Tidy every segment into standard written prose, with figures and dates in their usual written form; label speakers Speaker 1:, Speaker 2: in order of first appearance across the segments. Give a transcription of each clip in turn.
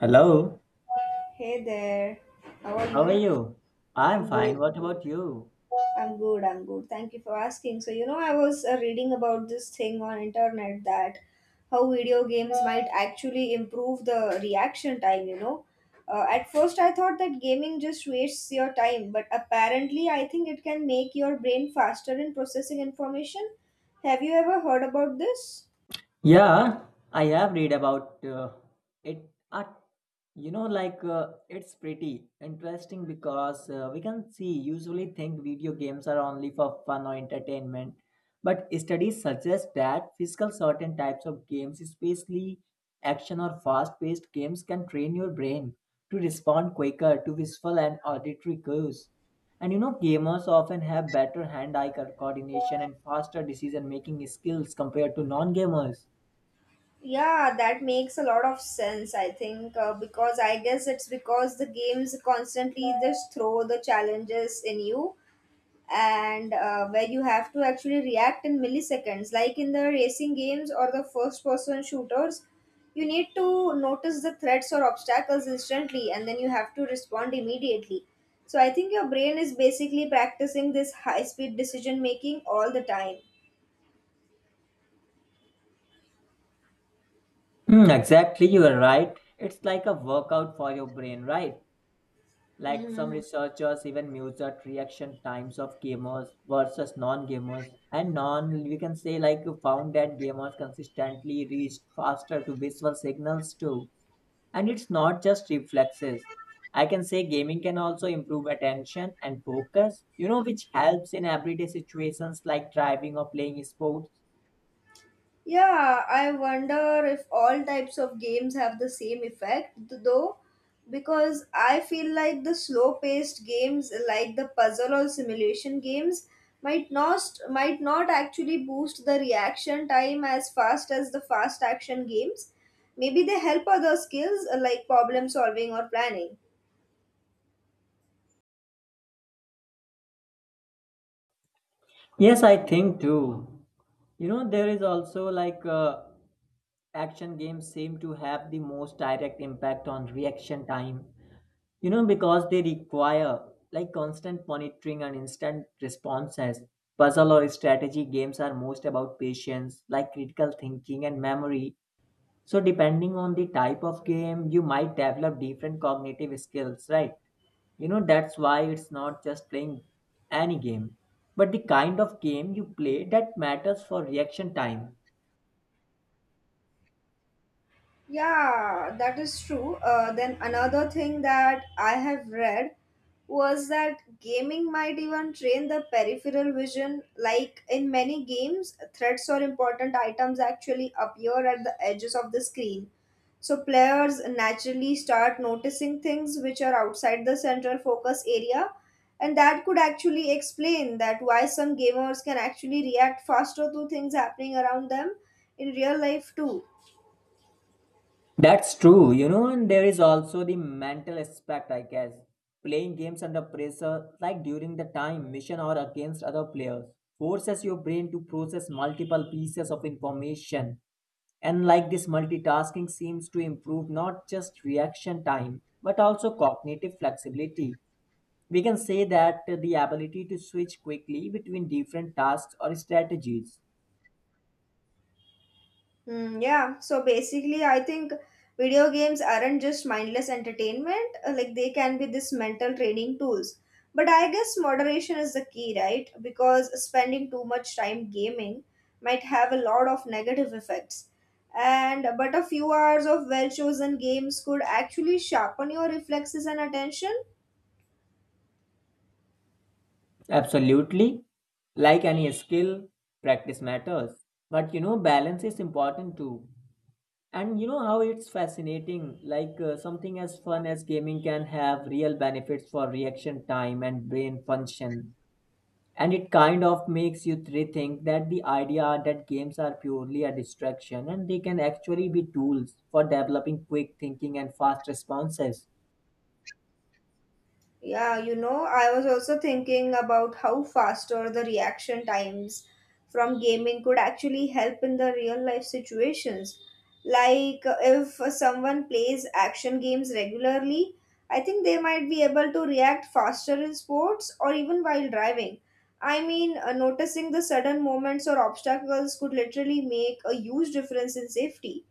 Speaker 1: Hello,
Speaker 2: Hey there, how are
Speaker 1: how are
Speaker 2: you?
Speaker 1: you? I'm
Speaker 2: I'm good.
Speaker 1: fine. What about you?
Speaker 2: I'm good. Thank you for asking. So, I was reading about this thing on internet that how video games might actually improve the reaction time. At first, I thought that gaming just wastes your time, but apparently, I think it can make your brain faster in processing information. Have you ever heard about this?
Speaker 1: Yeah, I have read about it. At, you know, it's pretty interesting because we can see usually think video games are only for fun or entertainment, but studies suggest that physical certain types of games, especially action or fast-paced games, can train your brain to respond quicker to visual and auditory cues. And you know, gamers often have better coordination and faster decision-making skills compared to non-gamers.
Speaker 2: Yeah, that makes a lot of sense, I think, because I guess it's because the games constantly just throw the challenges in you and where you have to actually react in milliseconds. Like in the racing games or the first person shooters, you need to notice the threats or obstacles instantly and then you have to respond immediately. So I think your brain is basically practicing this high speed decision making all the time.
Speaker 1: Hmm, exactly, you are right. It's like a workout for your brain, right? Like some
Speaker 2: Mhm.
Speaker 1: researchers even measured reaction times of gamers versus non-gamers, and non we can say like found that gamers consistently reached faster to visual signals too. And it's not just reflexes. I can say gaming can also improve attention and focus, you know, which helps in everyday situations like driving or playing sports.
Speaker 2: Yeah, I wonder if all types of games have the same effect though, because I feel like the slow paced games like the puzzle or simulation games might not might not actually boost the reaction time as fast as the fast action games. Maybe they help other skills like problem solving or planning.
Speaker 1: Yes, I think too. You know, there is also action games seem to have the most direct impact on reaction time, you know, because they require like constant monitoring and instant responses. Puzzle or strategy games are most about patience, like critical thinking and memory, so depending on the type of game you might develop different cognitive skills, right? You know, that's why it's not just playing any game, but the kind of game you play that matters for reaction time.
Speaker 2: Yeah, that is true. Then another thing that I have read was that gaming might even train the peripheral vision. Like in many games, threats or important items actually appear at the edges of the screen. So players naturally start noticing things which are outside the central focus area, and that could actually explain that why some gamers can actually react faster to things happening around them in real life too.
Speaker 1: That's true, you know, and there is also the mental aspect, I guess. Playing games under pressure, like during the time mission or against other players, forces your brain to process multiple pieces of information. And like this, multitasking seems to improve not just reaction time, but also cognitive flexibility. We can say that the ability to switch quickly between different tasks or strategies.
Speaker 2: Yeah, so basically, I think video games aren't just mindless entertainment, like they can be this mental training tools. But I guess moderation is the key, right? Because spending too much time gaming might have a lot of negative effects. And but a few hours of well chosen games could actually sharpen your reflexes and attention.
Speaker 1: Absolutely. Like any skill, practice matters. But you know, balance is important too. And you know how it's fascinating, something as fun as gaming can have real benefits for reaction time and brain function. And it kind of makes you rethink that the idea that games are purely a distraction and they can actually be tools for developing quick thinking and fast responses.
Speaker 2: Yeah, you know, I was also thinking about how faster the reaction times from gaming could actually help in the real life situations. Like, if someone plays action games regularly, I think they might be able to react faster in sports or even while driving. I mean, noticing the sudden moments or obstacles could literally make a huge difference in safety.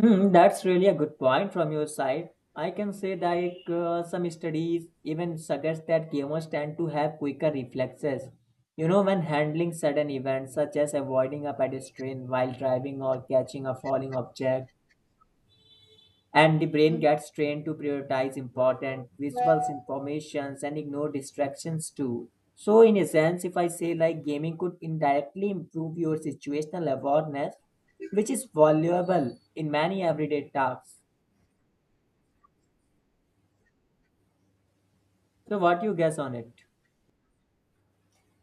Speaker 1: Hmm, that's really a good point from your side. I can say that some studies even suggest that gamers tend to have quicker reflexes. You know, when handling sudden events such as avoiding a pedestrian while driving or catching a falling object, and the brain gets trained to prioritize important visual informations and ignore distractions too. So, in a sense, if I say like gaming could indirectly improve your situational awareness, which is valuable in many everyday tasks. So what you guess on it?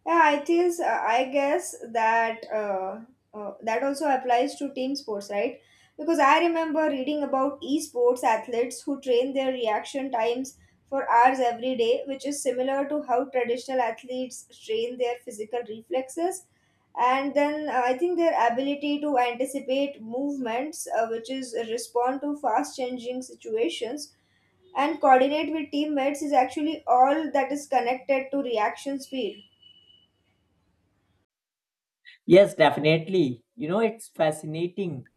Speaker 2: Yeah, it is. I guess that that also applies to team sports, right? Because I remember reading about esports athletes who train their reaction times for hours every day, which is similar to how traditional athletes train their physical reflexes. And then I think their ability to anticipate movements, which is respond to fast changing situations and coordinate with teammates, is actually all that is connected to reaction speed.
Speaker 1: Yes, definitely. You know, it's fascinating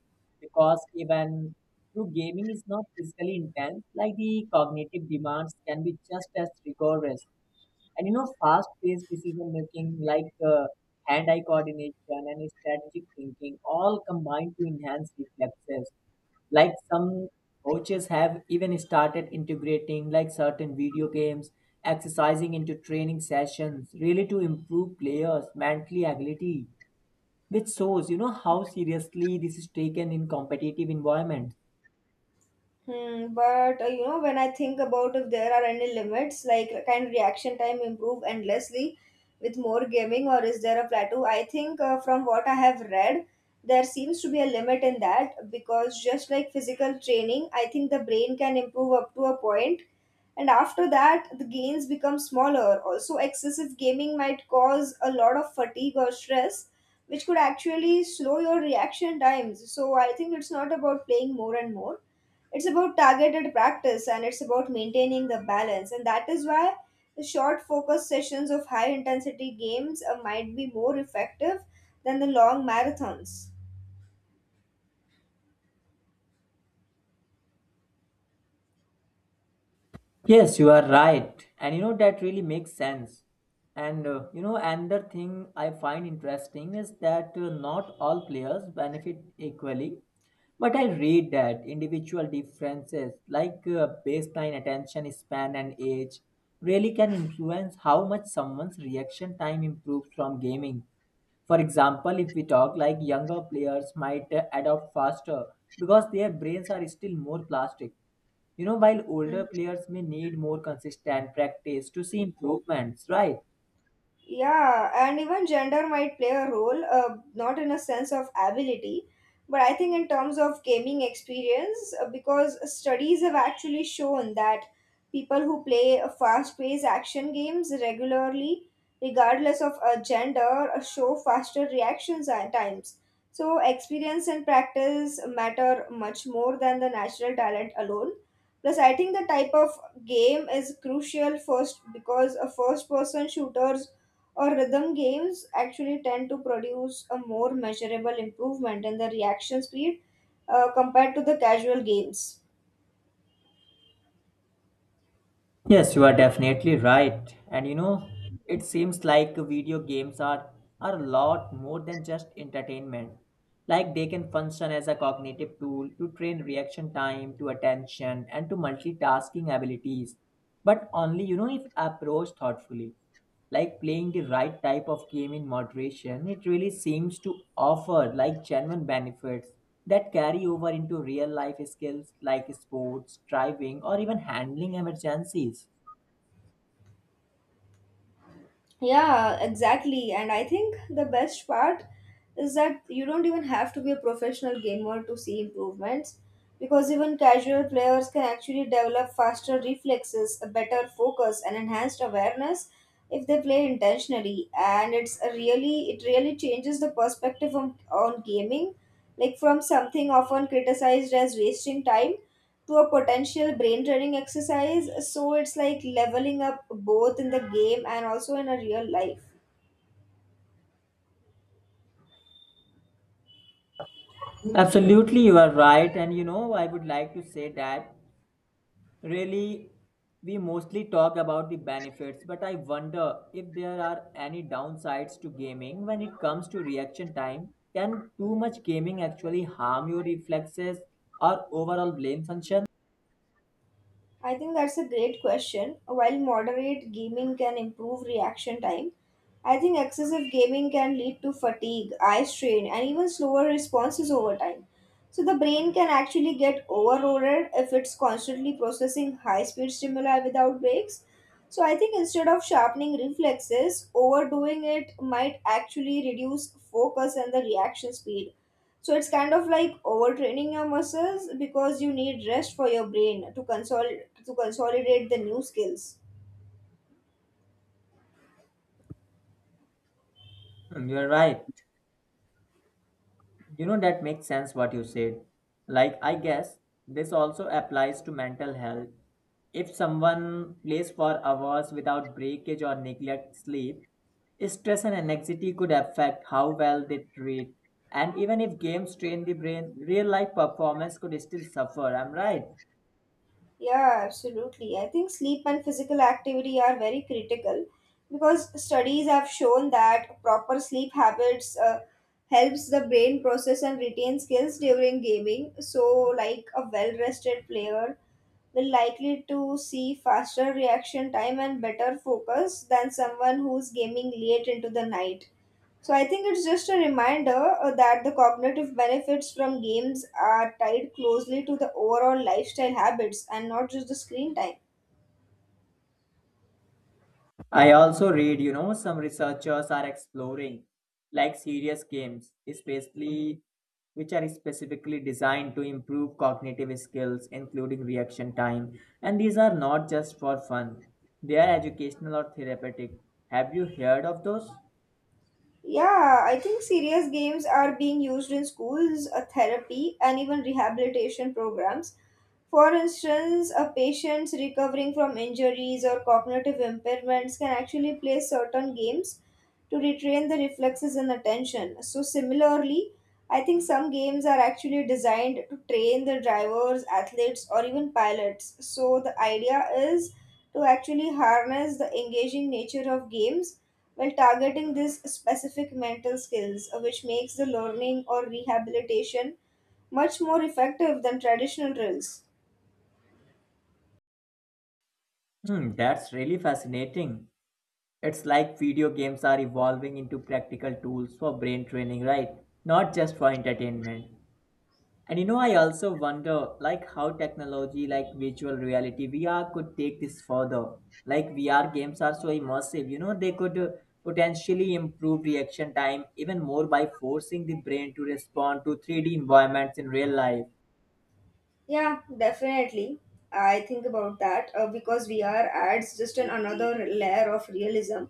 Speaker 1: because even though gaming is not physically intense, like the cognitive demands can be just as rigorous. And you know, fast paced decision making hand eye coordination and strategic thinking all combine to enhance reflexes. Like some coaches have even started integrating like certain video games, exercising into training sessions, really to improve players' mentally agility, which shows you know how seriously this is taken in competitive environment.
Speaker 2: Hmm, but you know, when I think about if there are any limits, like can reaction time improve endlessly with more gaming, or is there a plateau? I think from what I have read, there seems to be a limit in that because just like physical training, I think the brain can improve up to a point, and after that, the gains become smaller. Also, excessive gaming might cause a lot of fatigue or stress, which could actually slow your reaction times. So, I think it's not about playing more and more, it's about targeted practice and it's about maintaining the balance, and that is why the short focus sessions of high intensity games might be more effective than the long marathons.
Speaker 1: Yes, you are right, and you know that really makes sense. And you know, another thing I find interesting is that not all players benefit equally, but I read that individual differences baseline attention span and age really can influence how much someone's reaction time improves from gaming. For example, if we talk like younger players might adopt faster because their brains are still more plastic. You know, while older players may need more consistent practice to see improvements, right?
Speaker 2: Yeah, and even gender might play a role, not in a sense of ability, but I think in terms of gaming experience, because studies have actually shown that people who play fast paced action games regularly, regardless of a gender, show faster reactions at times. So, experience and practice matter much more than the natural talent alone. Plus, I think the type of game is crucial first because a first person shooters or rhythm games actually tend to produce a more measurable improvement in the reaction speed compared to the casual games.
Speaker 1: Yes, you are definitely right. And you know, it seems like are a lot more than just entertainment. Like they can function as a cognitive tool to train reaction time, to attention, and to multitasking abilities. But only, you know, if approached thoughtfully. Like playing the right type of game in moderation, it really seems to offer like genuine benefits that carry over into real life skills like sports, driving, or even handling emergencies.
Speaker 2: Yeah, exactly. And I think the best part is that you don't even have to be a professional gamer to see improvements because even casual players can actually develop faster reflexes, a better focus, and enhanced awareness if they play intentionally. And it really changes the perspective on gaming, like from something often criticized as wasting time to a potential brain training exercise, so it's like leveling up both in the game and also in a real life.
Speaker 1: Absolutely, you are right. And you know, I would like to say that really we mostly talk about the benefits, but I wonder if there are any downsides to gaming when it comes to reaction time. Can too much gaming actually harm your reflexes or overall brain function?
Speaker 2: I think that's a great question. While moderate gaming can improve reaction time, I think excessive gaming can lead to fatigue, eye strain, and even slower responses over time. So the brain can actually get overloaded if it's constantly processing high speed stimuli without breaks. So I think instead of sharpening reflexes, overdoing it might actually reduce focus and the reaction speed. So it's kind of like overtraining your muscles because you need rest for your brain to to consolidate the new skills.
Speaker 1: And you're right. You know, that makes sense what you said. Like, I guess this also applies to mental health. If someone plays for hours without breakage or neglect sleep, stress and anxiety could affect how well they treat. And even if games train the brain, real life performance could still suffer. I'm right.
Speaker 2: Yeah, absolutely. I think sleep and physical activity are very critical because studies have shown that proper sleep habits helps the brain process and retain skills during gaming. So, like a well-rested player will likely to see faster reaction time and better focus than someone who's gaming late into the night. So I think it's just a reminder that the cognitive benefits from games are tied closely to the overall lifestyle habits and not just the screen time.
Speaker 1: I also read, you know, some researchers are exploring like serious games, especially which are specifically designed to improve cognitive skills, including reaction time. And these are not just for fun, they are educational or therapeutic. Have you heard of those?
Speaker 2: Yeah, I think serious games are being used in schools, therapy, and even rehabilitation programs. For instance, a patient's recovering from injuries or cognitive impairments can actually play certain games to retrain the reflexes and attention. So, similarly, I think some games are actually designed to train the drivers, athletes, or even pilots. So, the idea is to actually harness the engaging nature of games while targeting these specific mental skills, which makes the learning or rehabilitation much more effective than traditional drills.
Speaker 1: Hmm, that's really fascinating. It's like video games are evolving into practical tools for brain training, right? Not just for entertainment. And you know, I also wonder like how technology like virtual reality VR could take this further. Like VR games are so immersive, you know, they could potentially improve reaction time even more by forcing the brain to respond to 3D environments in real life.
Speaker 2: Yeah, definitely. I think about that because VR adds just an another layer of realism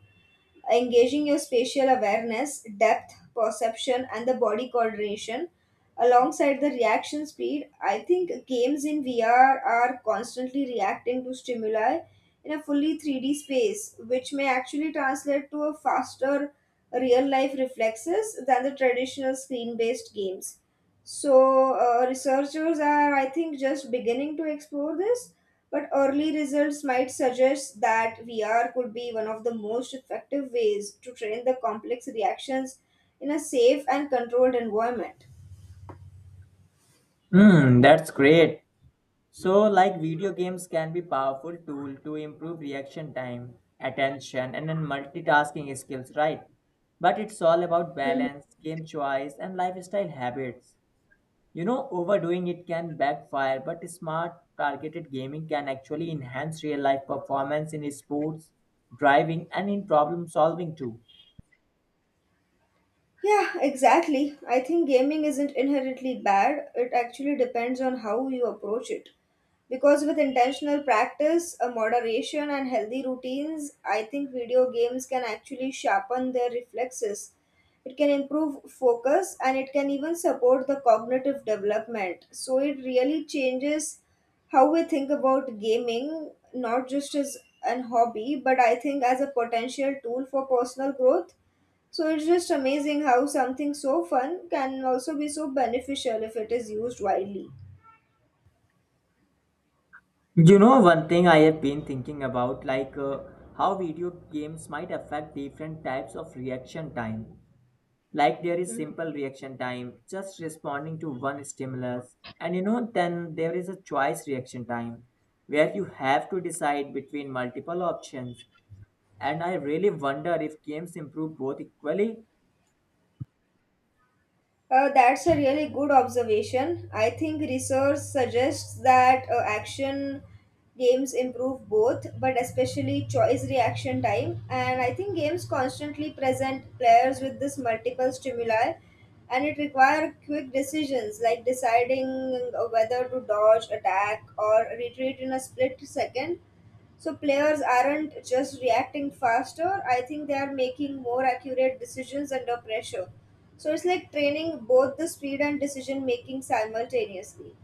Speaker 2: engaging your spatial awareness, depth, perception, and the body coordination. Alongside the reaction speed, I think games in VR are constantly reacting to stimuli in a fully 3D space, which may actually translate to a faster real life reflexes than the traditional screen based games. So, researchers are, I think, just beginning to explore this, but early results might suggest that VR could be one of the most effective ways to train the complex reactions in a safe and controlled environment.
Speaker 1: Hmm, that's great. So, like video games can be powerful tool to improve reaction time, attention, and then multitasking skills, right? But it's all about
Speaker 2: Mhm.
Speaker 1: balance, game choice, and lifestyle habits. You know, overdoing it can backfire, but smart targeted gaming can actually enhance real life performance in sports, driving, and in problem solving too.
Speaker 2: Yeah, exactly. I think gaming isn't inherently bad. It actually depends on how you approach it. Because with intentional practice, a moderation, and healthy routines, I think video games can actually sharpen their reflexes. It can improve focus and it can even support the cognitive development. So it really changes how we think about gaming, not just as an hobby, but I think as a potential tool for personal growth, so it's just amazing how something so fun can also be so beneficial if it is used widely.
Speaker 1: You know, one thing I have been thinking about, how video games might affect different types of reaction time. Like there is
Speaker 2: Mhm.
Speaker 1: simple reaction time, just responding to one stimulus, and you know, then there is a choice reaction time where you have to decide between multiple options. And I really wonder if games improve both equally.
Speaker 2: That's a really good observation. I think research suggests that action games improve both, but especially choice reaction time. And I think games constantly present players with this multiple stimuli and it require quick decisions like deciding whether to dodge, attack, or retreat in a split second. So players aren't just reacting faster, I think they are making more accurate decisions under pressure. So it's like training both the speed and decision making simultaneously.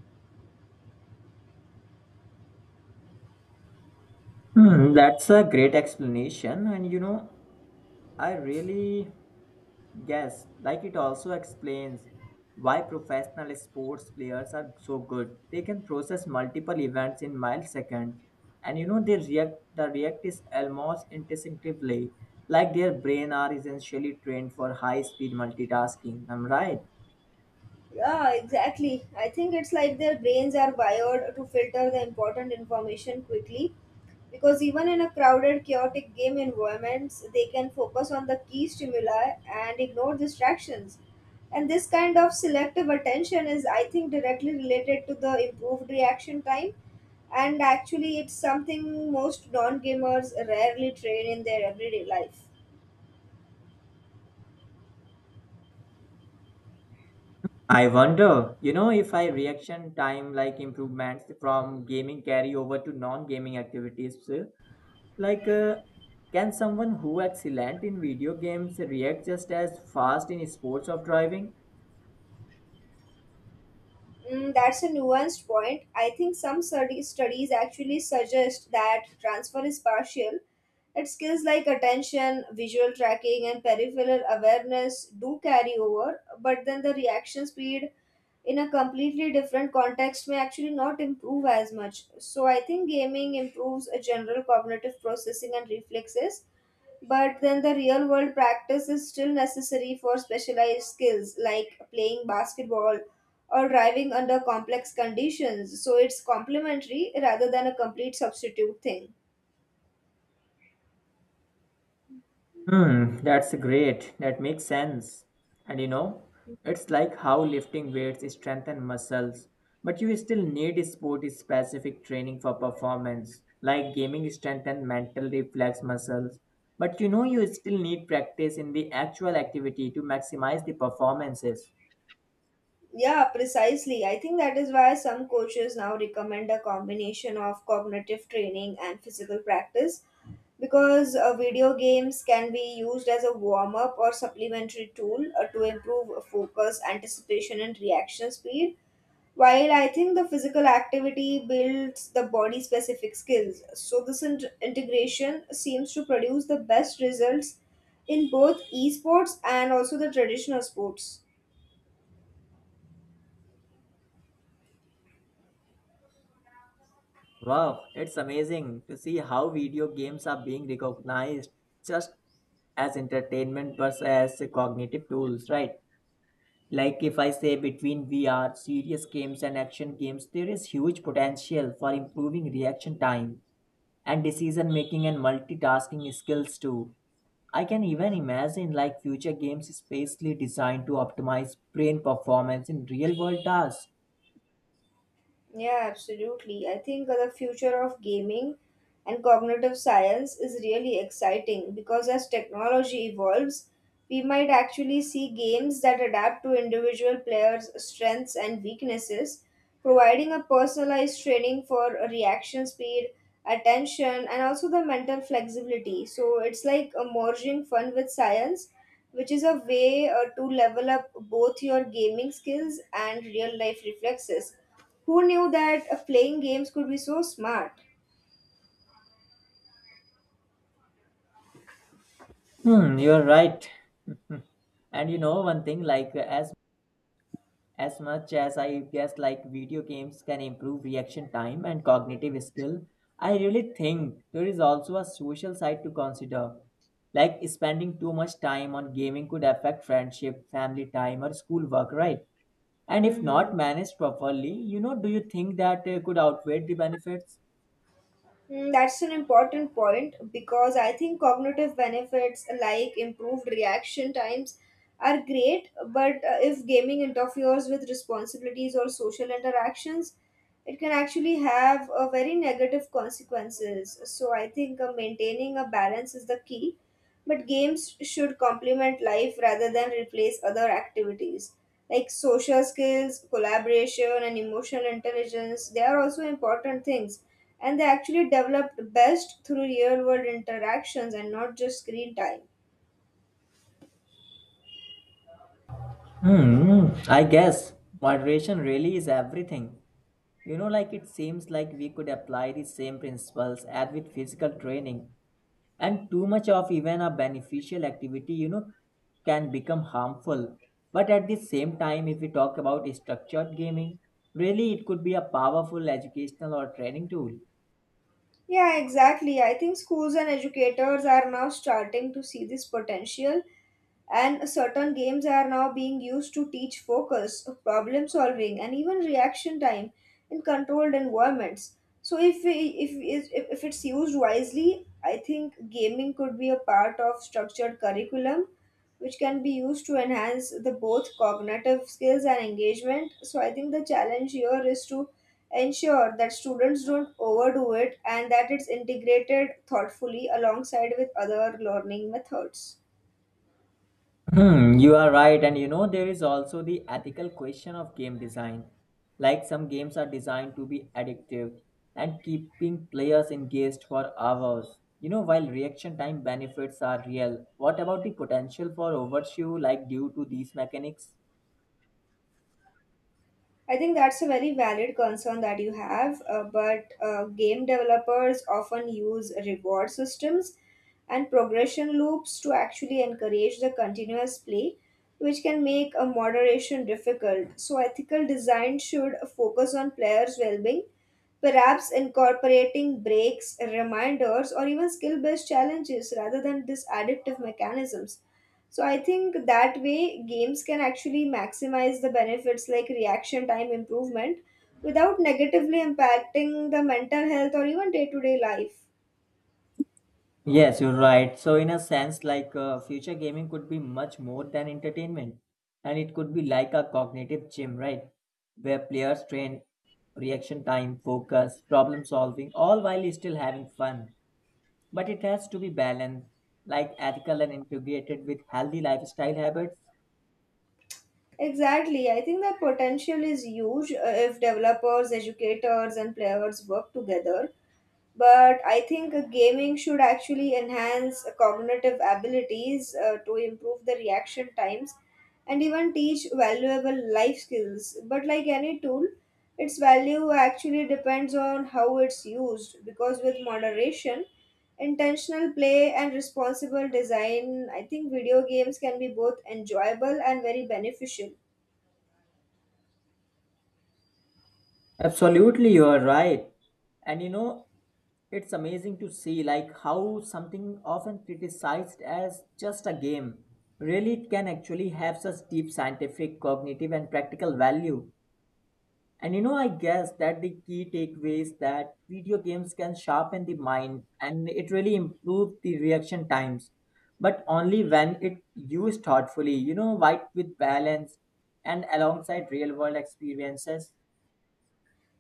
Speaker 1: Hmm, that's a great explanation. And you know, I really guess like it also explains why professional sports players are so good. They can process multiple events in milliseconds, and you know, The react is almost instinctively, like their brain are essentially trained for high-speed multitasking. I'm right.
Speaker 2: Yeah, exactly. I think it's like their brains are wired to filter the important information quickly because even in a crowded, chaotic game environments, they can focus on the key stimuli and ignore distractions. And this kind of selective attention is, I think, directly related to the improved reaction time. And actually, it's something most non gamers rarely train in their everyday life.
Speaker 1: I wonder, you know, if I reaction time like improvements from gaming carry over to non-gaming activities, like uh, can someone who excellent in video games react just as fast in sports of driving?
Speaker 2: That's a nuanced point. I think some studies actually suggest that transfer is partial, that skills like attention, visual tracking, and peripheral awareness do carry over, but then the reaction speed in a completely different context may actually not improve as much. So I think gaming improves a general cognitive processing and reflexes, but then the real world practice is still necessary for specialized skills like playing basketball or driving under complex conditions. So it's complementary rather than a complete substitute thing.
Speaker 1: Hmm, that's great. That makes sense. And you know, it's like how lifting weights strengthen muscles, but you still need sport-specific training for performance, like gaming strengthen mental reflex muscles. But you know, you still need practice in the actual activity to maximize the performances.
Speaker 2: Yeah, precisely. I think that is why some coaches now recommend a combination of cognitive training and physical practice because video games can be used as a warm up or supplementary tool to improve focus, anticipation, and reaction speed. While I think the physical activity builds the body specific skills, so this integration seems to produce the best results in both esports and also the traditional sports.
Speaker 1: Wow, it's amazing to see how video games are being recognized just as entertainment but as cognitive tools, right? Like if I say between VR, serious games and action games, there is huge potential for improving reaction time and decision making and multitasking skills too. I can even imagine like future games specially designed to optimize brain performance in real world tasks.
Speaker 2: Yeah, absolutely. I think the future of gaming and cognitive science is really exciting because as technology evolves, we might actually see games that adapt to individual players' strengths and weaknesses, providing a personalized training for reaction speed, attention, and also the mental flexibility. So it's like a merging fun with science, which is a way to level up both your gaming skills and real life reflexes. Who knew that playing games could be so smart?
Speaker 1: Hmm, you're right. And you know, one thing like as much as I guess like video games can improve reaction time and cognitive skill, I really think there is also a social side to consider. Like spending too much time on gaming could affect friendship, family time, or schoolwork, right? And if
Speaker 2: Mm-hmm.
Speaker 1: not managed properly, you know, do you think that could outweigh the benefits?
Speaker 2: Hmm, that's an important point because I think cognitive benefits like improved reaction times are great, but if gaming interferes with responsibilities or social interactions, it can actually have a very negative consequences. So I think maintaining a balance is the key. But games should complement life rather than replace other activities. Like social skills, collaboration, and emotional intelligence, they are also important things. And they actually develop best through real world interactions and not just screen time.
Speaker 1: Hmm, I guess moderation really is everything. You know, like it seems like we could apply the same principles as with physical training. And too much of even a beneficial activity, you know, can become harmful, but at the same time, if we talk about structured gaming, really it could be a powerful educational or training tool.
Speaker 2: Yeah, exactly. I think schools and educators are now starting to see this potential and certain games are now being used to teach focus, problem solving, and even reaction time in controlled environments. So, if, we- if it's used wisely, I think gaming could be a part of structured curriculum which can be used to enhance the both cognitive skills and engagement. So I think the challenge here is to ensure that students don't overdo it and that it's integrated thoughtfully alongside with other learning methods.
Speaker 1: Hmm, you are right, and you know there is also the ethical question of game design. Like some games are designed to be addictive and keeping players engaged for hours. You know, while reaction time benefits are real, what about the potential for overshoe like due to these mechanics?
Speaker 2: I think that's a very valid concern that you have, but game developers often use reward systems and progression loops to actually encourage the continuous play, which can make a moderation difficult. So, ethical design should focus on players' well being, perhaps incorporating breaks, reminders, or even skill based challenges rather than these additive mechanisms. So I think that way games can actually maximize the benefits like reaction time improvement without negatively impacting the mental health or even day-to-day life.
Speaker 1: Yes, you're right. So, in a sense, future gaming could be much more than entertainment, and it could be like a cognitive gym, right? Where players train reaction time, focus, problem solving, all while still having fun. But it has to be balanced, like ethical and integrated with healthy lifestyle habits.
Speaker 2: Exactly. I think that potential is huge if developers, educators, and players work together. But I think gaming should actually enhance cognitive abilities to improve the reaction times and even teach valuable life skills, but like any tool its value actually depends on how it's used. Because with moderation, intentional play and responsible design, I think video games can be both enjoyable and very beneficial.
Speaker 1: Absolutely, you are right. And you know, it's amazing to see like how something often criticized as just a game really can actually have such deep scientific, cognitive and practical value. And you know, I guess that the key takeaway is that video games can sharpen the mind and it really improve the reaction times, but only when it used thoughtfully, you know, right, with balance and alongside real world experiences.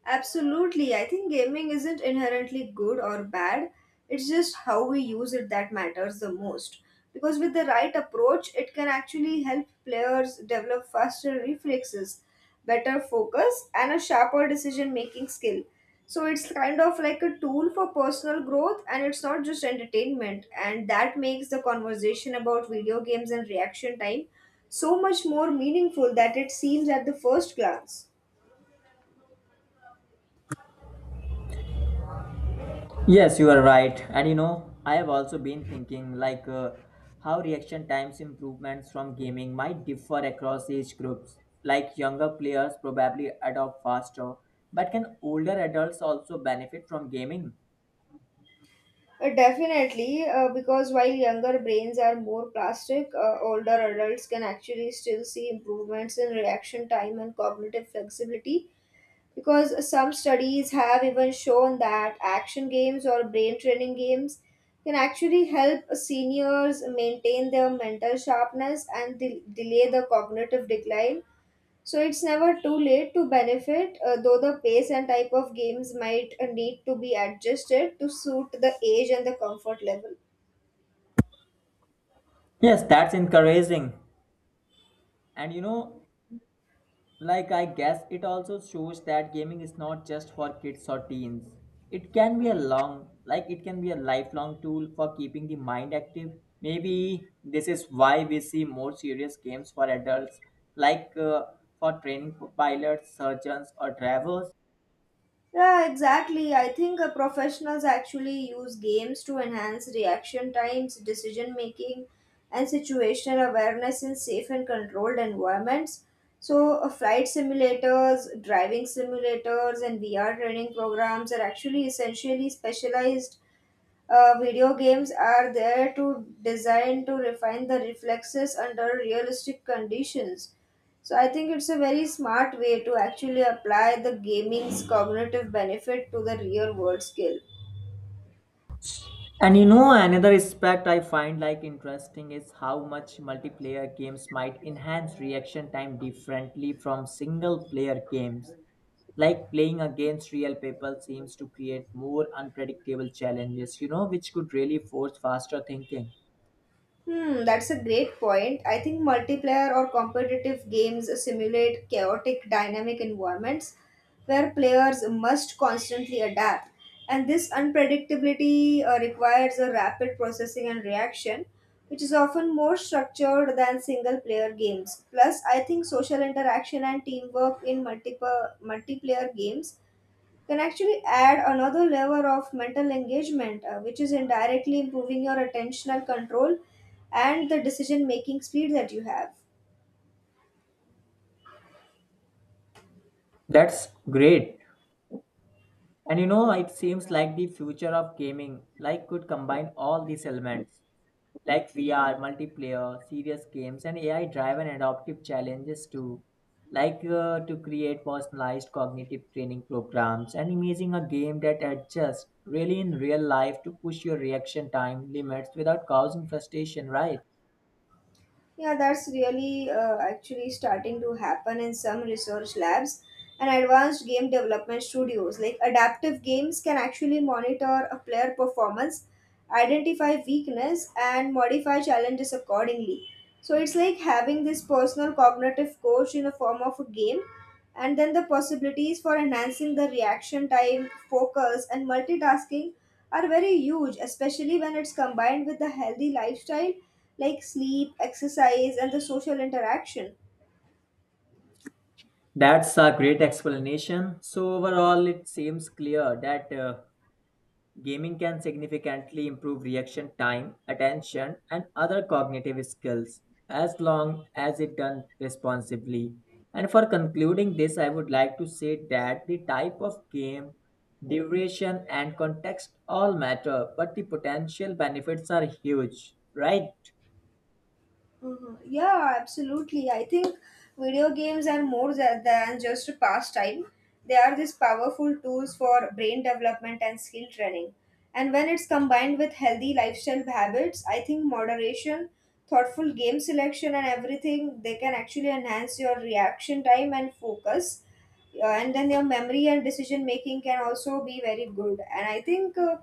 Speaker 2: Absolutely. I think gaming isn't inherently good or bad. It's just how we use it that matters the most. Because with the right approach, it can actually help players develop faster reflexes, better focus, and a sharper decision making skill. So it's kind of like a tool for personal growth and it's not just entertainment. And that makes the conversation about video games and reaction time so much more meaningful that it seems at the first glance.
Speaker 1: Yes, you are right. And you know, I have also been thinking how reaction times improvements from gaming might differ across age groups. Like younger players probably adopt faster, but can older adults also benefit from gaming?
Speaker 2: Definitely, because while younger brains are more plastic, older adults can actually still see improvements in reaction time and cognitive flexibility. Because some studies have even shown that action games or brain training games can actually help seniors maintain their mental sharpness and delay the cognitive decline. So it's never too late to benefit, though the pace and type of games might need to be adjusted to suit the age and the comfort level.
Speaker 1: Yes, that's encouraging. And you know, like, I guess it also shows that gaming is not just for kids or teens. It can be a long, like, it can be a lifelong tool for keeping the mind active. Maybe this is why we see more serious games for adults, like uh, for training pilots, surgeons, or drivers.
Speaker 2: Yeah, exactly. I think professionals actually use games to enhance reaction times, decision making, and situational awareness in safe and controlled environments. So, flight simulators, driving simulators, and VR training programs are actually essentially specialized. Video games are there to design to refine the reflexes under realistic conditions. So I think it's a very smart way to actually apply the gaming's cognitive benefit to the real world skill.
Speaker 1: And you know, another aspect I find like interesting is how much multiplayer games might enhance reaction time differently from single player games. Like playing against real people seems to create more unpredictable challenges, you know, which could really force faster thinking.
Speaker 2: Hmm, that's a great point. I think multiplayer or competitive games simulate chaotic dynamic environments where players must constantly adapt. And this unpredictability requires a rapid processing and reaction, which is often more structured than single player games. Plus, I think social interaction and teamwork in multiple multiplayer games can actually add another layer of mental engagement, which is indirectly improving your attentional control and the decision making speed that you have.
Speaker 1: That's great, and you know it seems like the future of gaming like could combine all these elements, like VR, multiplayer, serious games and AI driven adaptive challenges too. To create personalized cognitive training programs and imaging a game that adjusts really in real life to push your reaction time limits without causing frustration, right?
Speaker 2: Yeah, that's really actually starting to happen in some research labs and advanced game development studios. Like adaptive games can actually monitor a player performance, identify weakness, and modify challenges accordingly. So it's like having this personal cognitive coach in the form of a game, and then the possibilities for enhancing the reaction time, focus, and multitasking are very huge, especially when it's combined with a healthy lifestyle like sleep, exercise, and the social interaction.
Speaker 1: That's a great explanation. So, overall, it seems clear that gaming can significantly improve reaction time, attention, and other cognitive skills as long as it done responsibly. And for concluding this, I would like to say that the type of game, duration, and context all matter, but the potential benefits are huge, right?
Speaker 2: Mhm. Yeah, absolutely. I think video games are more than just a pastime. They are these powerful tools for brain development and skill training. And when it's combined with healthy lifestyle habits, I think moderation, thoughtful game selection, and everything, they can actually enhance your reaction time and focus. And then your memory and decision making can also be very good. And I think.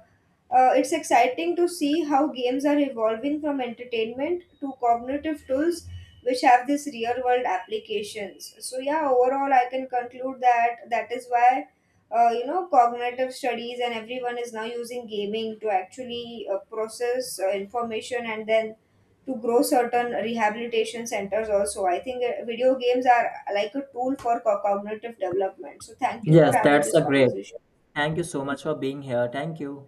Speaker 2: It's exciting to see how games are evolving from entertainment to cognitive tools which have this real world applications. So yeah, overall I can conclude that that is why cognitive studies and everyone is now using gaming to actually process information, and then to grow certain rehabilitation centers. Also I think video games are like a tool for cognitive development. So thank you for
Speaker 1: Yes,
Speaker 2: having
Speaker 1: that's
Speaker 2: this
Speaker 1: a great.
Speaker 2: conversation.
Speaker 1: Thank you so much for being here. Thank you.